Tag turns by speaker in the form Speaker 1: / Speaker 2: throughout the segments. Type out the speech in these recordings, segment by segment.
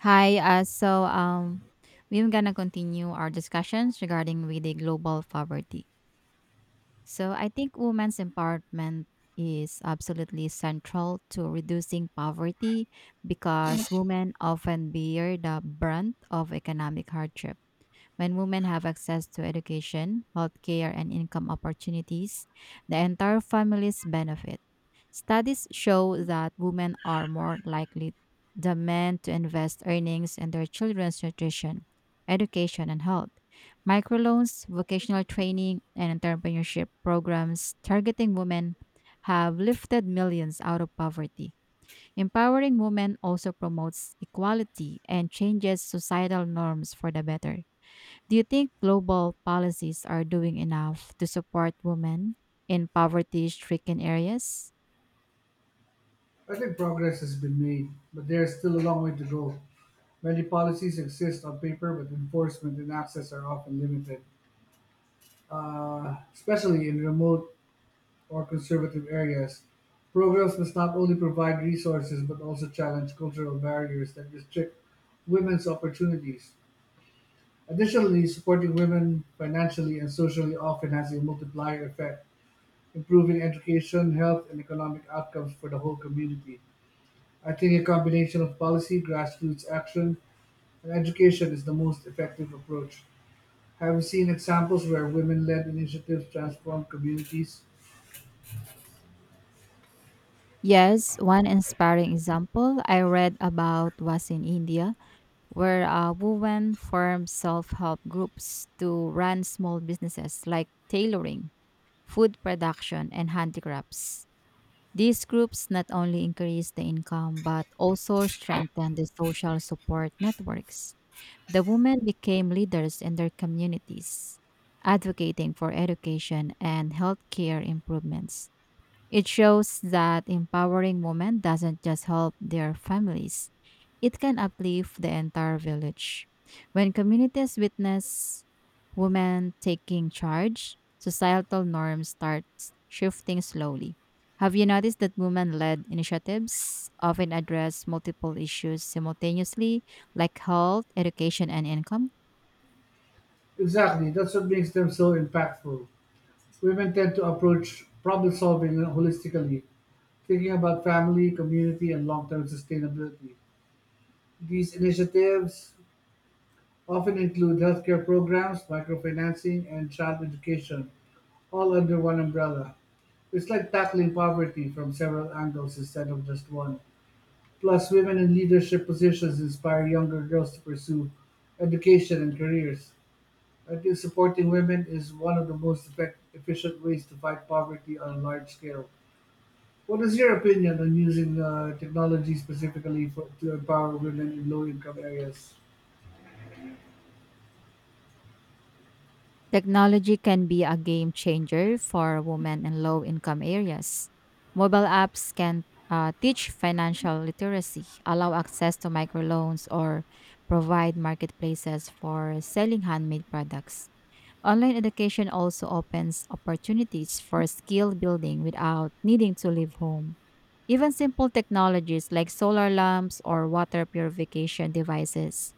Speaker 1: Hi. We're gonna continue our discussions regarding with the global poverty. So I think women's empowerment is absolutely central to reducing poverty because women often bear the brunt of economic hardship. When women have access to education, healthcare, and income opportunities, the entire families benefit. Studies show that women are more likely than men to invest earnings in their children's nutrition, education, and health. Microloans, vocational training, and entrepreneurship programs targeting women have lifted millions out of poverty. Empowering women also promotes equality and changes societal norms for the better. Do you think global policies are doing enough to support women in poverty stricken areas?
Speaker 2: I think progress has been made, but there is still a long way to go. Many policies exist on paper, but enforcement and access are often limited, especially in remote or conservative areas. Programs must not only provide resources but also challenge cultural barriers that restrict women's opportunities. Additionally, supporting women financially and socially often has a multiplier effect, improving education, health, and economic outcomes for the whole community. I think a combination of policy, grassroots action, and education is the most effective approach. Have you seen examples where women led initiatives transform communities?
Speaker 1: Yes, one inspiring example I read about was in India, where a woman formed self help groups to run small businesses like tailoring, food production, and handicrafts. These groups not only increased the income but also strengthened the social support networks. The women became leaders in their communities, advocating for education and healthcare improvements. It shows that empowering women doesn't just help their families, it can uplift the entire village. When communities witness women taking charge, societal norms start shifting slowly. Have you noticed that women led initiatives often address multiple issues simultaneously, like health, education, and income?
Speaker 2: Exactly, that's what makes them so impactful. Women tend to approach problem solving holistically, thinking about family, community, and long term sustainability. These initiatives often include healthcare programs, microfinancing, and child education, all under one umbrella. It's like tackling poverty from several angles instead of just one. Plus, women in leadership positions inspire younger girls to pursue education and careers. I think supporting women is one of the most efficient ways to fight poverty on a large scale. What is your opinion on using technology to empower women in low income areas?
Speaker 1: Technology can be a game changer for women in low income areas. Mobile apps can teach financial literacy, allow access to microloans, or provide marketplaces for selling handmade products. Online education also opens opportunities for skill building without needing to leave home. Even simple technologies like solar lamps or water purification devices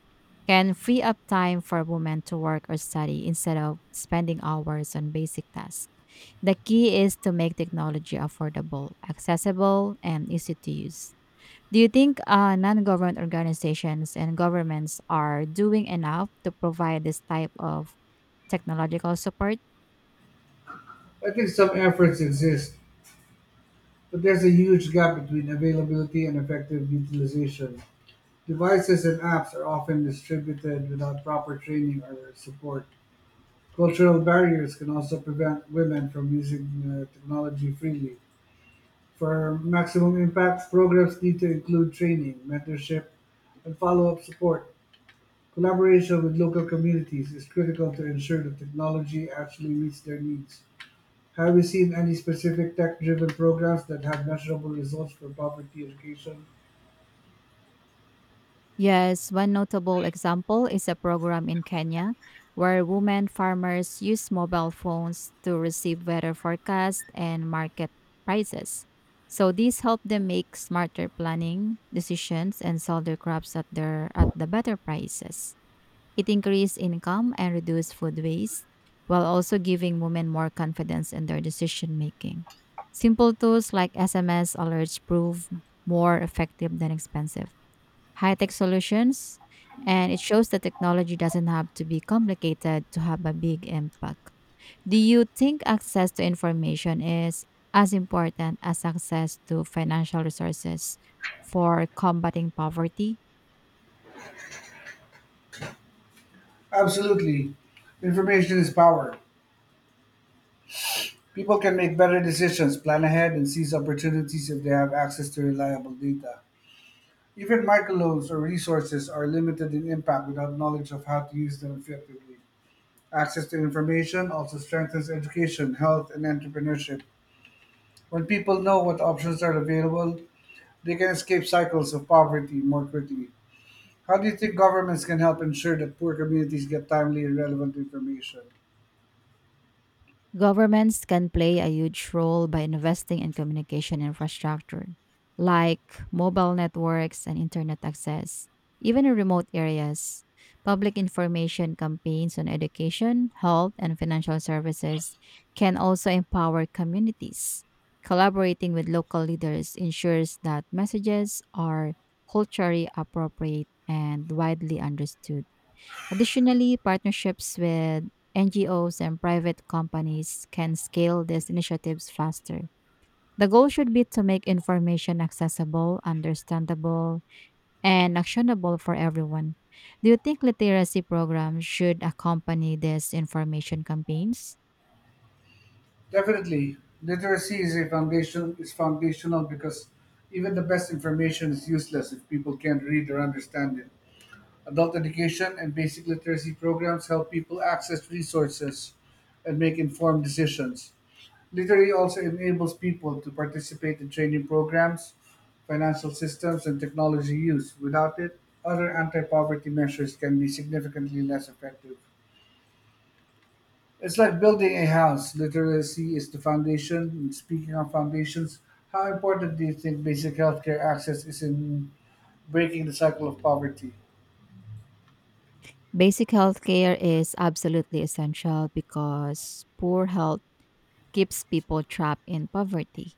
Speaker 1: can free up time for women to work or study instead of spending hours on basic tasks. The key is to make technology affordable, accessible, and easy to use. Do you think non government organizations and governments are doing enough to provide this type of technological support?
Speaker 2: I think some efforts exist, but there's a huge gap between availability and effective utilization. Devices and apps are often distributed without proper training or support. Cultural barriers can also prevent women from using technology freely. For maximum impact, programs need to include training, mentorship, and follow-up support. Collaboration with local communities is critical to ensure that technology actually meets their needs. Have you seen any specific tech-driven programs that have measurable results for poverty education?
Speaker 1: Yes, one notable example is a program in Kenya where women farmers use mobile phones to receive weather forecasts and market prices. So these help them make smarter planning decisions and sell their crops at the better prices. It increases income and reduces food waste while also giving women more confidence in their decision making. Simple tools like SMS alerts prove more effective than expensive high-tech solutions, and it shows that technology doesn't have to be complicated to have a big impact. Do you think access to information is as important as access to financial resources for combating poverty?
Speaker 2: Absolutely. Information is power. People can make better decisions, plan ahead, and seize opportunities if they have access to reliable data. Even microloans or resources are limited in impact without knowledge of how to use them effectively. Access to information also strengthens education, health, and entrepreneurship. When people know what options are available, they can escape cycles of poverty more quickly. How do you think governments can help ensure that poor communities get timely and relevant information?
Speaker 1: Governments can play a huge role by investing in communication infrastructure, like mobile networks and internet access. Even in remote areas, public information campaigns on education, health, and financial services can also empower communities. Collaborating with local leaders ensures that messages are culturally appropriate and widely understood. Additionally, partnerships with NGOs and private companies can scale these initiatives faster. The goal should be to make information accessible, understandable, and actionable for everyone. Do you think literacy programs should accompany these information campaigns?
Speaker 2: Definitely, literacy is foundational because even the best information is useless if people can't read or understand it. Adult education and basic literacy programs help people access resources and make informed decisions. Literacy also enables people to participate in training programs, financial systems, and technology use. Without it, other anti poverty measures can be significantly less effective. It's like building a house. Literacy is the foundation. And speaking of foundations, how important do you think basic healthcare access is in breaking the cycle of poverty?
Speaker 1: Basic healthcare is absolutely essential because poor health keeps people trapped in poverty.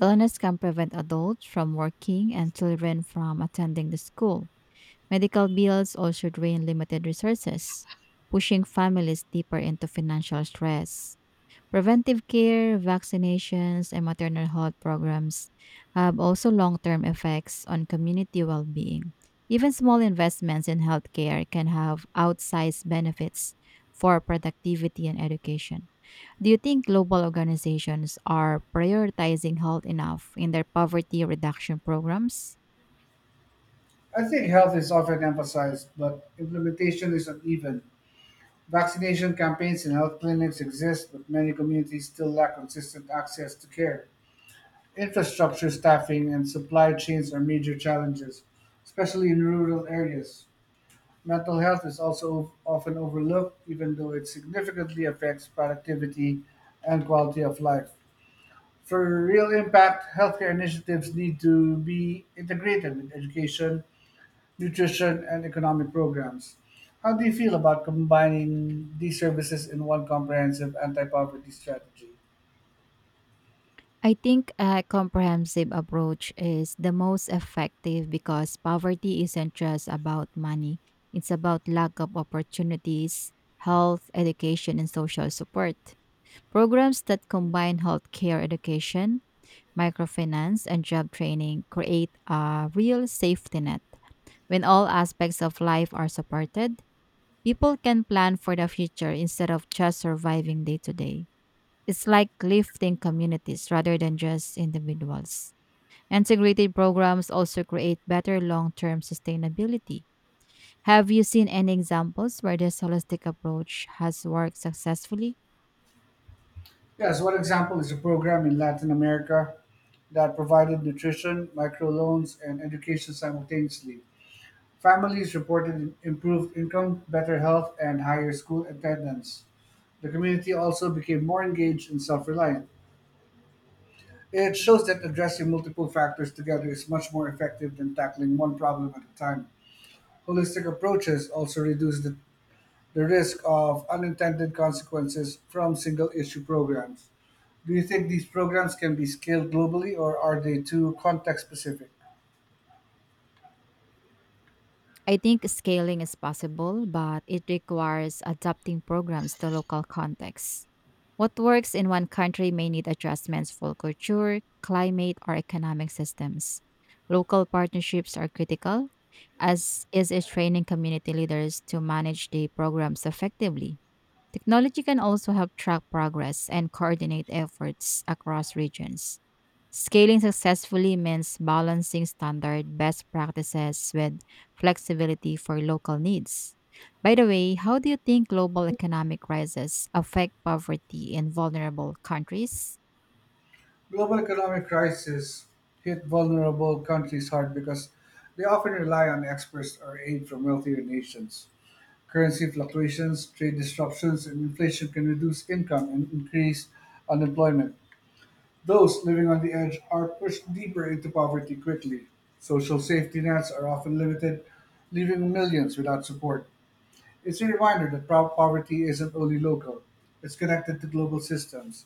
Speaker 1: Illness can prevent adults from working and children from attending the school. Medical bills also drain limited resources, pushing families deeper into financial stress. Preventive care, vaccinations, and maternal health programs have also long term effects on community well being. Even small investments in healthcare can have outsized benefits for productivity and education. Do you think global organizations are prioritizing health enough in their poverty reduction programs?
Speaker 2: I think health is often emphasized, but implementation is uneven. Vaccination campaigns and health clinics exist, but many communities still lack consistent access to care. Infrastructure, staffing, and supply chains are major challenges, especially in rural areas. Mental health is also often overlooked, even though it significantly affects productivity and quality of life. For real impact, healthcare initiatives need to be integrated with education, nutrition, and economic programs. How do you feel about combining these services in one comprehensive anti poverty strategy?
Speaker 1: I think a comprehensive approach is the most effective because poverty isn't just about money, it's about lack of opportunities, health, education, and social support. Programs that combine healthcare education, microfinance, and job training create a real safety net. When all aspects of life are supported, people can plan for the future instead of just surviving day to day. It's like lifting communities rather than just individuals. Integrated programs also create better long term sustainability. Have you seen any examples where this holistic approach has worked successfully?
Speaker 2: Yes, one example is a program in Latin America that provided nutrition, microloans, and education simultaneously. Families reported improved income, better health, and higher school attendance. The community also became more engaged and self reliant. It shows that addressing multiple factors together is much more effective than tackling one problem at a time. Holistic approaches also reduce the risk of unintended consequences from single issue programs. Do you think these programs can be scaled globally or are they too context specific?
Speaker 1: I think scaling is possible, but it requires adapting programs to local contexts. What works in one country may need adjustments for culture, climate, or economic systems. Local partnerships are critical, as is it training community leaders to manage the programs effectively. Technology can also help track progress and coordinate efforts across regions. Scaling successfully means balancing standard best practices with flexibility for local needs. By the way, how do you think global economic crises affect poverty in vulnerable countries?
Speaker 2: Global economic crises hit vulnerable countries hard because they often rely on exports or aid from wealthier nations. Currency fluctuations, trade disruptions, and inflation can reduce income and increase unemployment. Those living on the edge are pushed deeper into poverty quickly. Social safety nets are often limited, leaving millions without support. It's a reminder that poverty isn't only local, it's connected to global systems.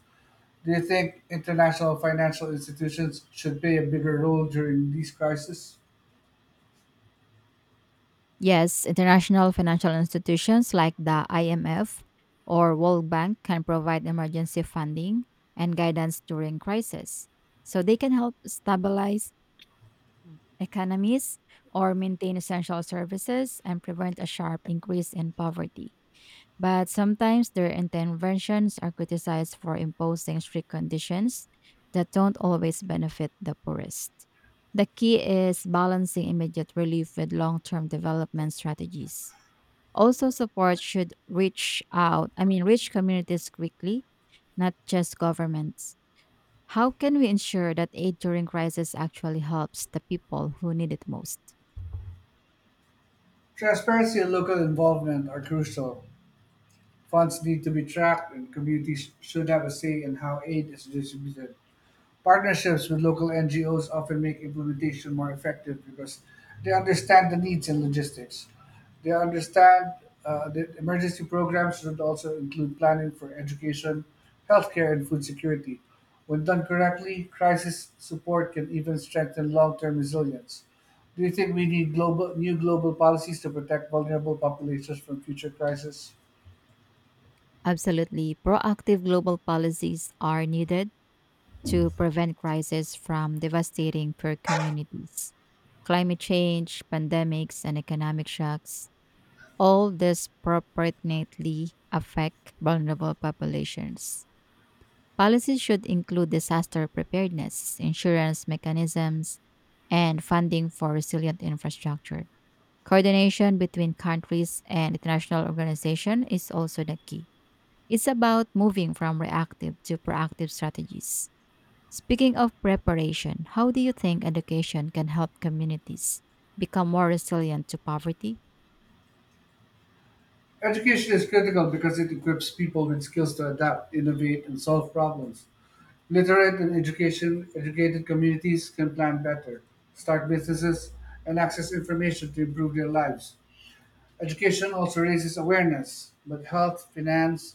Speaker 2: Do you think international financial institutions should play a bigger role during these crises?
Speaker 1: Yes, international financial institutions like the IMF or World Bank can provide emergency funding and guidance during crisis. So they can help stabilize Mm. economies or maintain essential services and prevent a sharp increase in poverty. But sometimes their interventions are criticized for imposing strict conditions that don't always benefit the poorest. The key is balancing immediate relief with long term development strategies. Also, support should reach out, I mean, reach communities quickly, not just governments. How can we ensure that aid during crisis actually helps the people who need it most?
Speaker 2: Transparency and local involvement are crucial. Funds need to be tracked, and communities should have a say in how aid is distributed. Partnerships with local NGOs often make implementation more effective because they understand the needs and logistics. They understand that emergency programs should also include planning for education, healthcare, and food security. When done correctly, crisis support can even strengthen long term resilience. Do you think we need new global policies to protect vulnerable populations from future crises?
Speaker 1: Absolutely. Proactive global policies are needed to prevent crises from devastating poor communities. Climate change, pandemics, and economic shocks all disproportionately affect vulnerable populations. Policies should include disaster preparedness, insurance mechanisms, and funding for resilient infrastructure. Coordination between countries and international organization is also the key. It's about moving from reactive to proactive strategies. Speaking of preparation, how do you think education can help communities become more resilient to poverty?
Speaker 2: Education is critical because it equips people with skills to adapt, innovate, and solve problems. Educated communities can plan better, start businesses, and access information to improve their lives. Education also raises awareness about health, finance,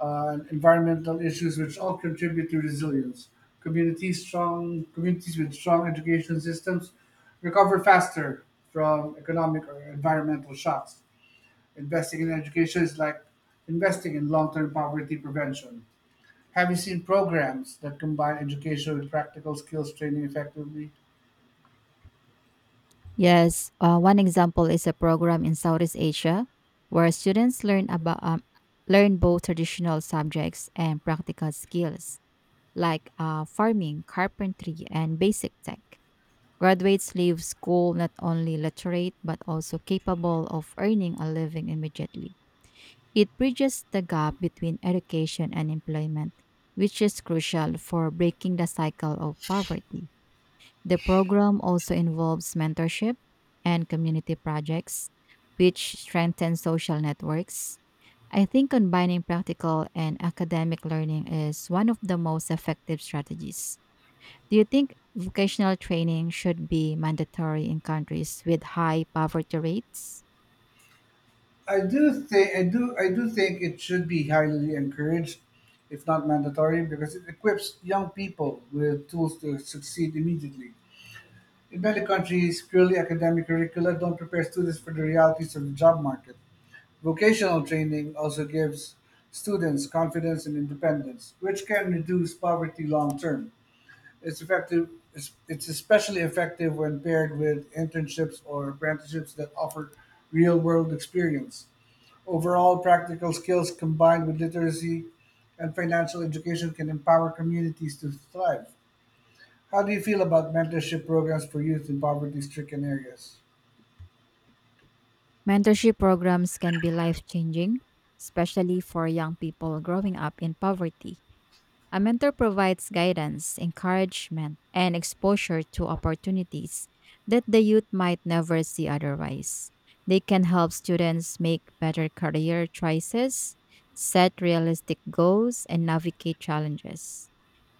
Speaker 2: and environmental issues, which all contribute to resilience. Communities strong communities with strong education systems recover faster from economic or environmental shocks. Investing in education is like investing in long-term poverty prevention. Have you seen programs that combine education with practical skills training effectively?
Speaker 1: Yes, one example is a program in Southeast Asia where students learn about learn both traditional subjects and practical skills like farming, carpentry, and basic tech. Graduate leave school not only literate but also capable of earning a living immediately. It bridges the gap between education and employment, which is crucial for breaking the cycle of poverty. The program also involves mentorship and community projects, which strengthen social networks. I think combining practical and academic learning is one of the most effective strategies. Do you think vocational training should be mandatory in countries with high poverty rates?
Speaker 2: I do think it should be highly encouraged, if not mandatory, because it equips young people with tools to succeed immediately. In many countries, purely academic curricula don't prepare students for the realities of the job market. Vocational training also gives students confidence and independence, which can reduce poverty long term. It's effective. It's especially effective when paired with internships or apprenticeships that offer real-world experience. Overall, practical skills combined with literacy and financial education can empower communities to thrive. How do you feel about mentorship programs for youth in poverty-stricken areas?
Speaker 1: Mentorship programs can be life changing, especially for young people growing up in poverty. A mentor provides guidance, encouragement, and exposure to opportunities that the youth might never see otherwise. They can help students make better career choices, set realistic goals, and navigate challenges.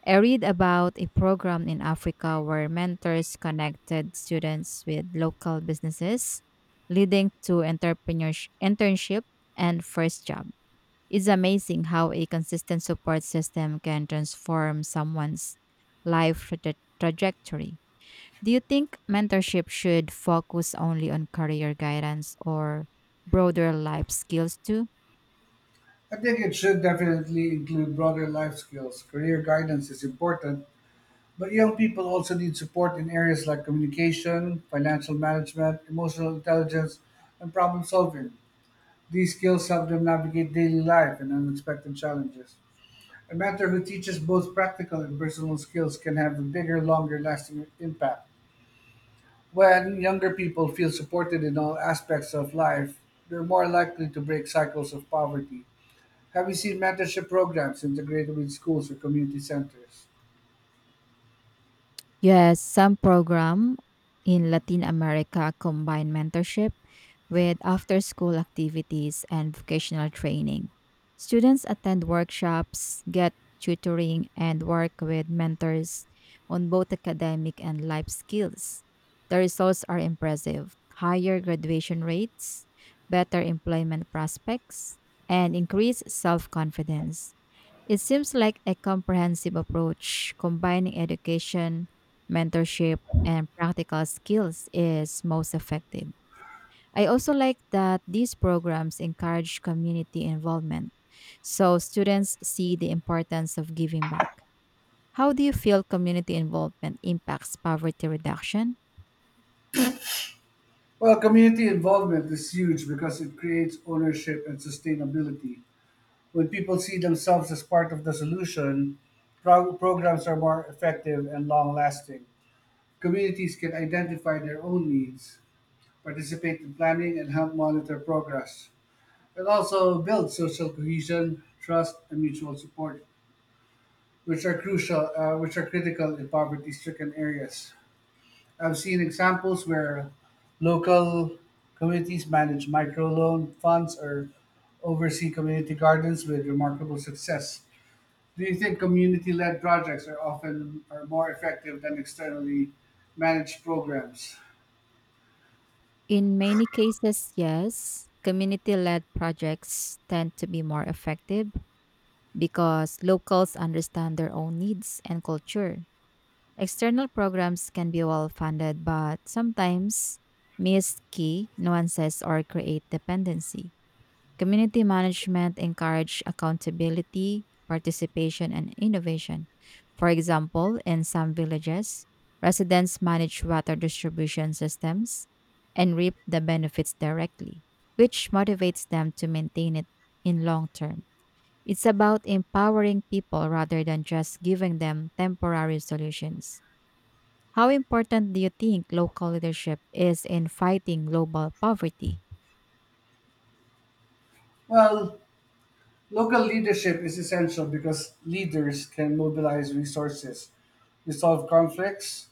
Speaker 1: I read about a program in Africa where mentors connected students with local businesses, leading to entrepreneurship, internship and first job. It's amazing how a consistent support system can transform someone's life trajectory. Do you think mentorship should focus only on career guidance or broader life skills too?
Speaker 2: I think it should definitely include broader life skills. Career guidance is important, but young people also need support in areas like communication, financial management, emotional intelligence, and problem solving. These skills help them navigate daily life and unexpected challenges. A mentor who teaches both practical and personal skills can have a bigger, longer lasting impact. When younger people feel supported in all aspects of life, they're more likely to break cycles of poverty. Have you seen mentorship programs integrated with schools or community centers?
Speaker 1: Yes, some program in Latin America combine mentorship with after-school activities and vocational training. Students attend workshops, get tutoring, and work with mentors on both academic and life skills. The results are impressive. Higher graduation rates, better employment prospects, and increased self-confidence. It seems like a comprehensive approach combining education, mentorship, and practical skills is most effective. I also like that these programs encourage community involvement so students see the importance of giving back. How do you feel community involvement impacts poverty reduction?
Speaker 2: Well, community involvement is huge because it creates ownership and sustainability. When people see themselves as part of the solution, programs are more effective and long lasting. Communities can identify their own needs, participate in planning, and help monitor progress. It also builds social cohesion, trust, and mutual support, which are critical in poverty stricken areas. I've seen examples where local communities manage microloan funds or oversee community gardens with remarkable success. Do you think community-led projects are more effective than externally managed programs?
Speaker 1: In many cases, yes. Community led projects tend to be more effective because locals understand their own needs and culture. External programs can be well funded, but sometimes miss key nuances or create dependency. Community management encourage accountability, participation, and innovation. For example, in some villages, residents manage water distribution systems and reap the benefits directly, which motivates them to maintain it in long term. It's about empowering people rather than just giving them temporary solutions. How important do you think local leadership is in fighting global poverty?
Speaker 2: Well, local leadership is essential because leaders can mobilize resources, resolve conflicts,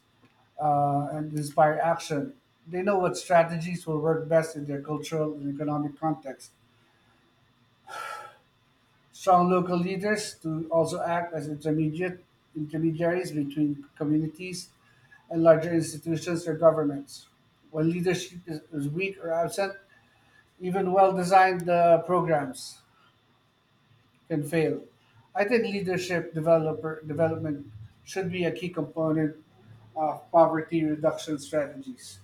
Speaker 2: and inspire action. They know what strategies will work best in their cultural and economic context. Strong local leaders to also act as intermediate intermediaries between communities and larger institutions or governments. When leadership is weak or absent, even well-designed programs can fail. I think leadership developer development should be a key component of poverty reduction strategies.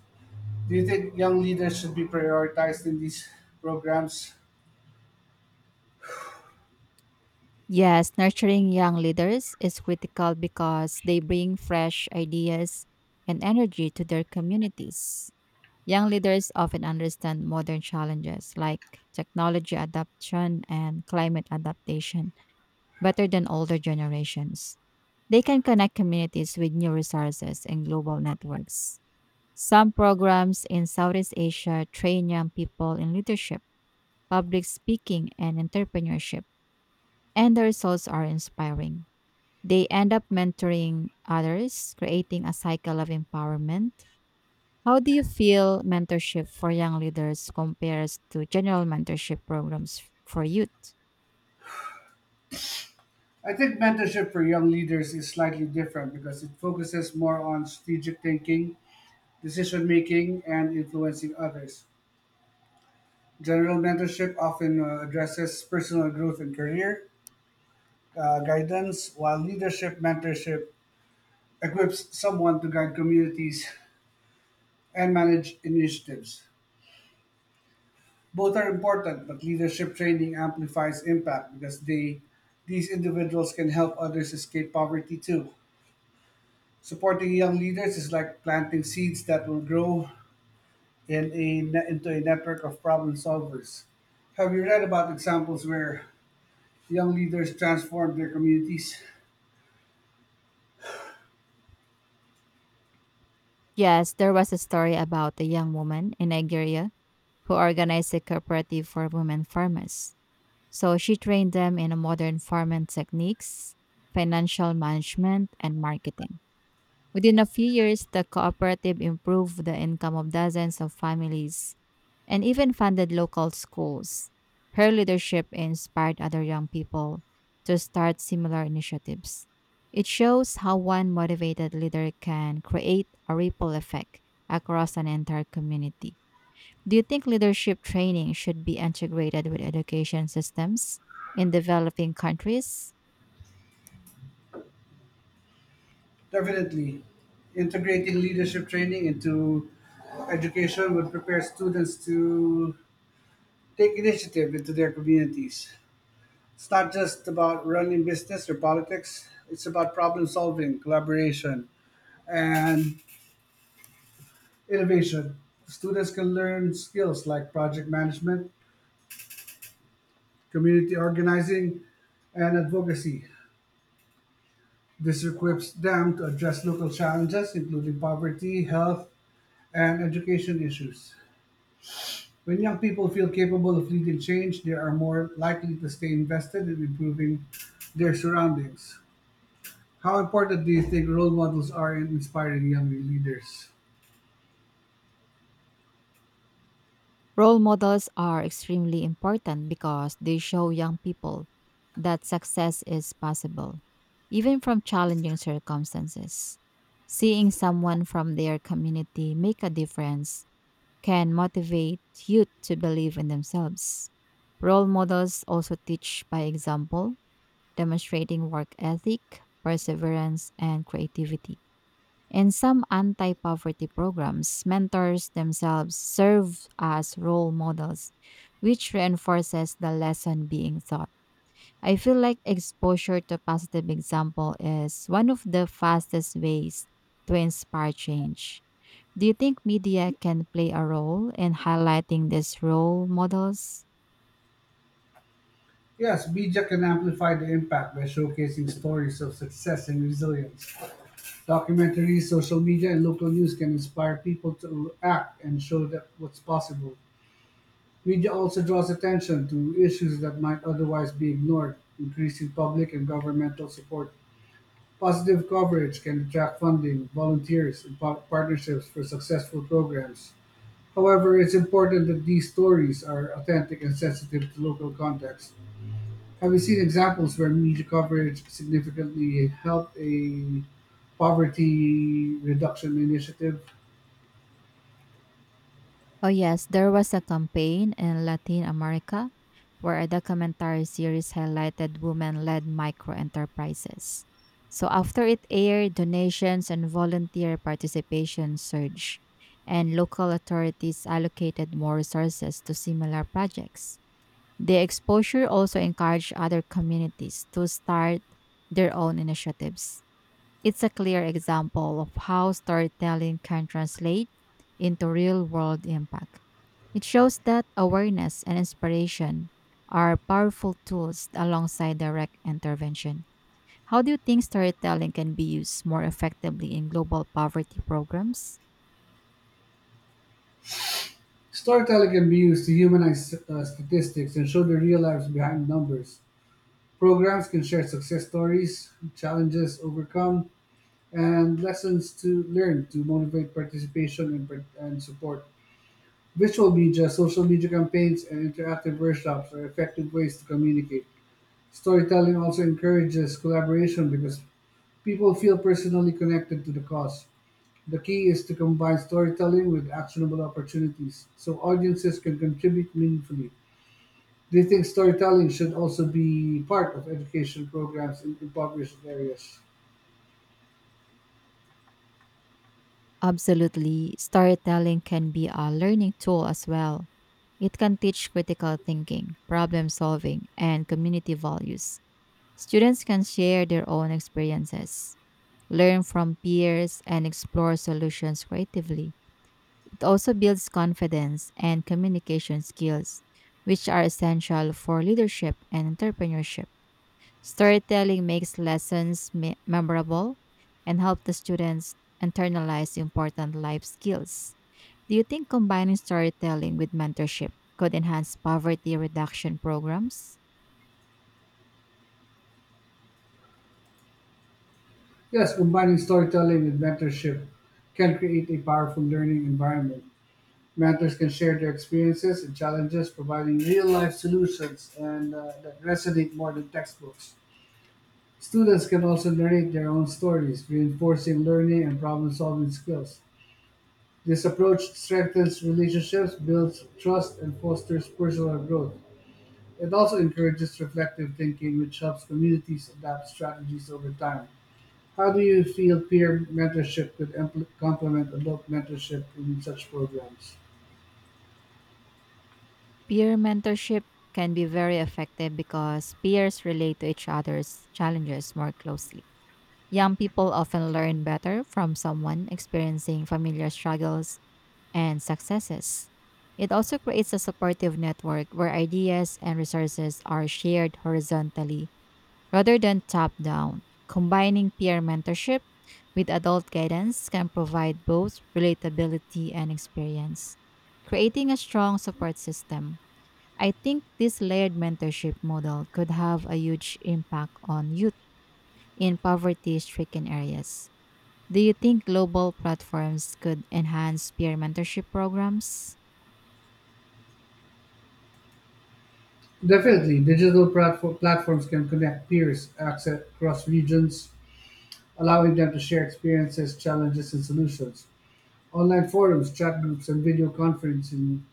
Speaker 2: Do you think young leaders should be prioritized in these programs?
Speaker 1: Yes, nurturing young leaders is critical because they bring fresh ideas and energy to their communities. Young leaders often understand modern challenges like technology adoption and climate adaptation better than older generations. They can connect communities with new resources and global networks. Some programs in Southeast Asia train young people in leadership, public speaking, and entrepreneurship, and the results are inspiring. They end up mentoring others, creating a cycle of empowerment. How do you feel mentorship for young leaders compares to general mentorship programs for youth?
Speaker 2: I think mentorship for young leaders is slightly different because it focuses more on strategic thinking, decision making, and influencing others. General mentorship often addresses personal growth and career guidance, while leadership mentorship equips someone to guide communities and manage initiatives. Both are important, but leadership training amplifies impact because they these individuals can help others escape poverty too. Supporting young leaders is like planting seeds that will grow into a network of problem solvers. Have you read about examples where young leaders transform their communities?
Speaker 1: Yes, there was a story about a young woman in Nigeria who organized a cooperative for women farmers. So she trained them in modern farming techniques, financial management, and marketing. Within a few years, the cooperative improved the income of dozens of families and even funded local schools. Her leadership inspired other young people to start similar initiatives. It shows how one motivated leader can create a ripple effect across an entire community. Do you think leadership training should be integrated with education systems in developing countries?
Speaker 2: Definitely. Integrating leadership training into education would prepare students to take initiative into their communities. It's not just about running business or politics, it's about problem solving, collaboration, and innovation. Students can learn skills like project management, community organizing, and advocacy. This equips them to address local challenges, including poverty, health, and education issues. When young people feel capable of leading change, they are more likely to stay invested in improving their surroundings. How important do you think role models are in inspiring young leaders?
Speaker 1: Role models are extremely important because they show young people that success is possible, even from challenging circumstances. Seeing someone from their community make a difference can motivate youth to believe in themselves. Role models also teach by example, demonstrating work ethic, perseverance, and creativity. In some anti poverty programs, mentors themselves serve as role models, which reinforces the lesson being taught. I feel like exposure to positive example is one of the fastest ways to inspire change. Do you think media can play a role in highlighting these role models?
Speaker 2: Yes, BJA can amplify the impact by showcasing stories of success and resilience. Documentaries, social media, and local news can inspire people to act and show that what's possible. Media also draws attention to issues that might otherwise be ignored, increasing public and governmental support. Positive coverage can attract funding, volunteers, and partnerships for successful programs. However, it's important that these stories are authentic and sensitive to local context. Have you seen examples where media coverage significantly helped a poverty reduction initiative?
Speaker 1: Oh, yes, there was a campaign in Latin America where a documentary series highlighted women led micro enterprises. So, after it aired, donations and volunteer participation surged, and local authorities allocated more resources to similar projects. The exposure also encouraged other communities to start their own initiatives. It's a clear example of how storytelling can translate into real world impact. It shows that awareness and inspiration are powerful tools alongside direct intervention. How do you think storytelling can be used more effectively in global poverty programs?
Speaker 2: Storytelling can be used to humanize statistics and show the real lives behind numbers. Programs can share success stories, challenges overcome, and lessons to learn to motivate participation and support. Visual media, social media campaigns, and interactive workshops are effective ways to communicate. Storytelling also encourages collaboration because people feel personally connected to the cause. The key is to combine storytelling with actionable opportunities so audiences can contribute meaningfully. Do you think storytelling should also be part of education programs in impoverished areas?
Speaker 1: Absolutely, storytelling can be a learning tool as well. It can teach critical thinking, problem solving, and community values. Students can share their own experiences learn from peers, and explore solutions creatively. It also builds confidence and communication skills, which are essential for leadership and entrepreneurship. Storytelling makes lessons memorable and help the students internalize important life skills. Do you think combining storytelling with mentorship could enhance poverty reduction programs?
Speaker 2: Yes, combining storytelling with mentorship can create a powerful learning environment. Mentors can share their experiences and challenges, providing real life solutions and that resonate more than textbooks. Students can also narrate their own stories, reinforcing learning and problem-solving skills. This approach strengthens relationships, builds trust, and fosters personal growth. It also encourages reflective thinking, which helps communities adapt strategies over time. How do you feel peer mentorship could complement adult mentorship in such programs?
Speaker 1: Peer mentorship can be very effective because peers relate to each other's challenges more closely. Young people often learn better from someone experiencing familiar struggles and successes. It also creates a supportive network where ideas and resources are shared horizontally rather than top down. Combining peer mentorship with adult guidance can provide both relatability and experience, creating a strong support system. I think this layered mentorship model could have a huge impact on youth in poverty stricken areas. Do you think global platforms could enhance peer mentorship programs?
Speaker 2: Definitely, platforms can connect peers across regions, allowing them to share experiences, challenges, and solutions. Online forums, chat groups, and video conferencing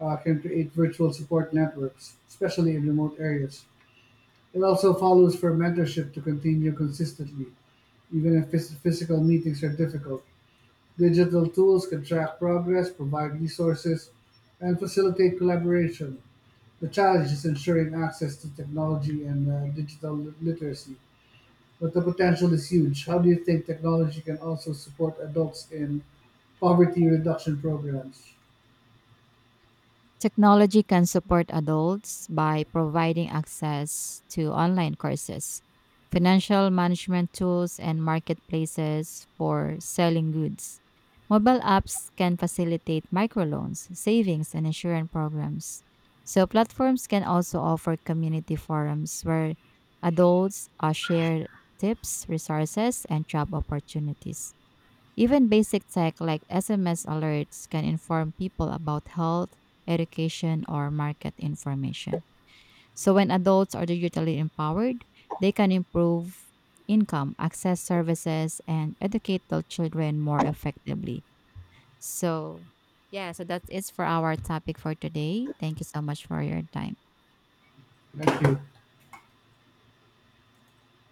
Speaker 2: can create virtual support networks, especially in remote areas. It also follows for mentorship to continue consistently, even if physical meetings are difficult. Digital tools can track progress, provide resources, and facilitate collaboration. The challenge is ensuring access to technology and digital literacy, but the potential is huge. How do you think technology can also support adults in poverty reduction programs?
Speaker 1: Technology can support adults by providing access to online courses, financial management tools, and marketplaces for selling goods. Mobile apps can facilitate microloans, savings, and insurance programs. So, platforms can also offer community forums where adults share tips, resources, and job opportunities. Even basic tech like SMS alerts can inform people about health, education, or market information. So, when adults are digitally empowered, they can improve income, access services, and educate their children more effectively. So, yeah, so that's it for our topic for today. Thank you so much for your time.
Speaker 2: Thank you.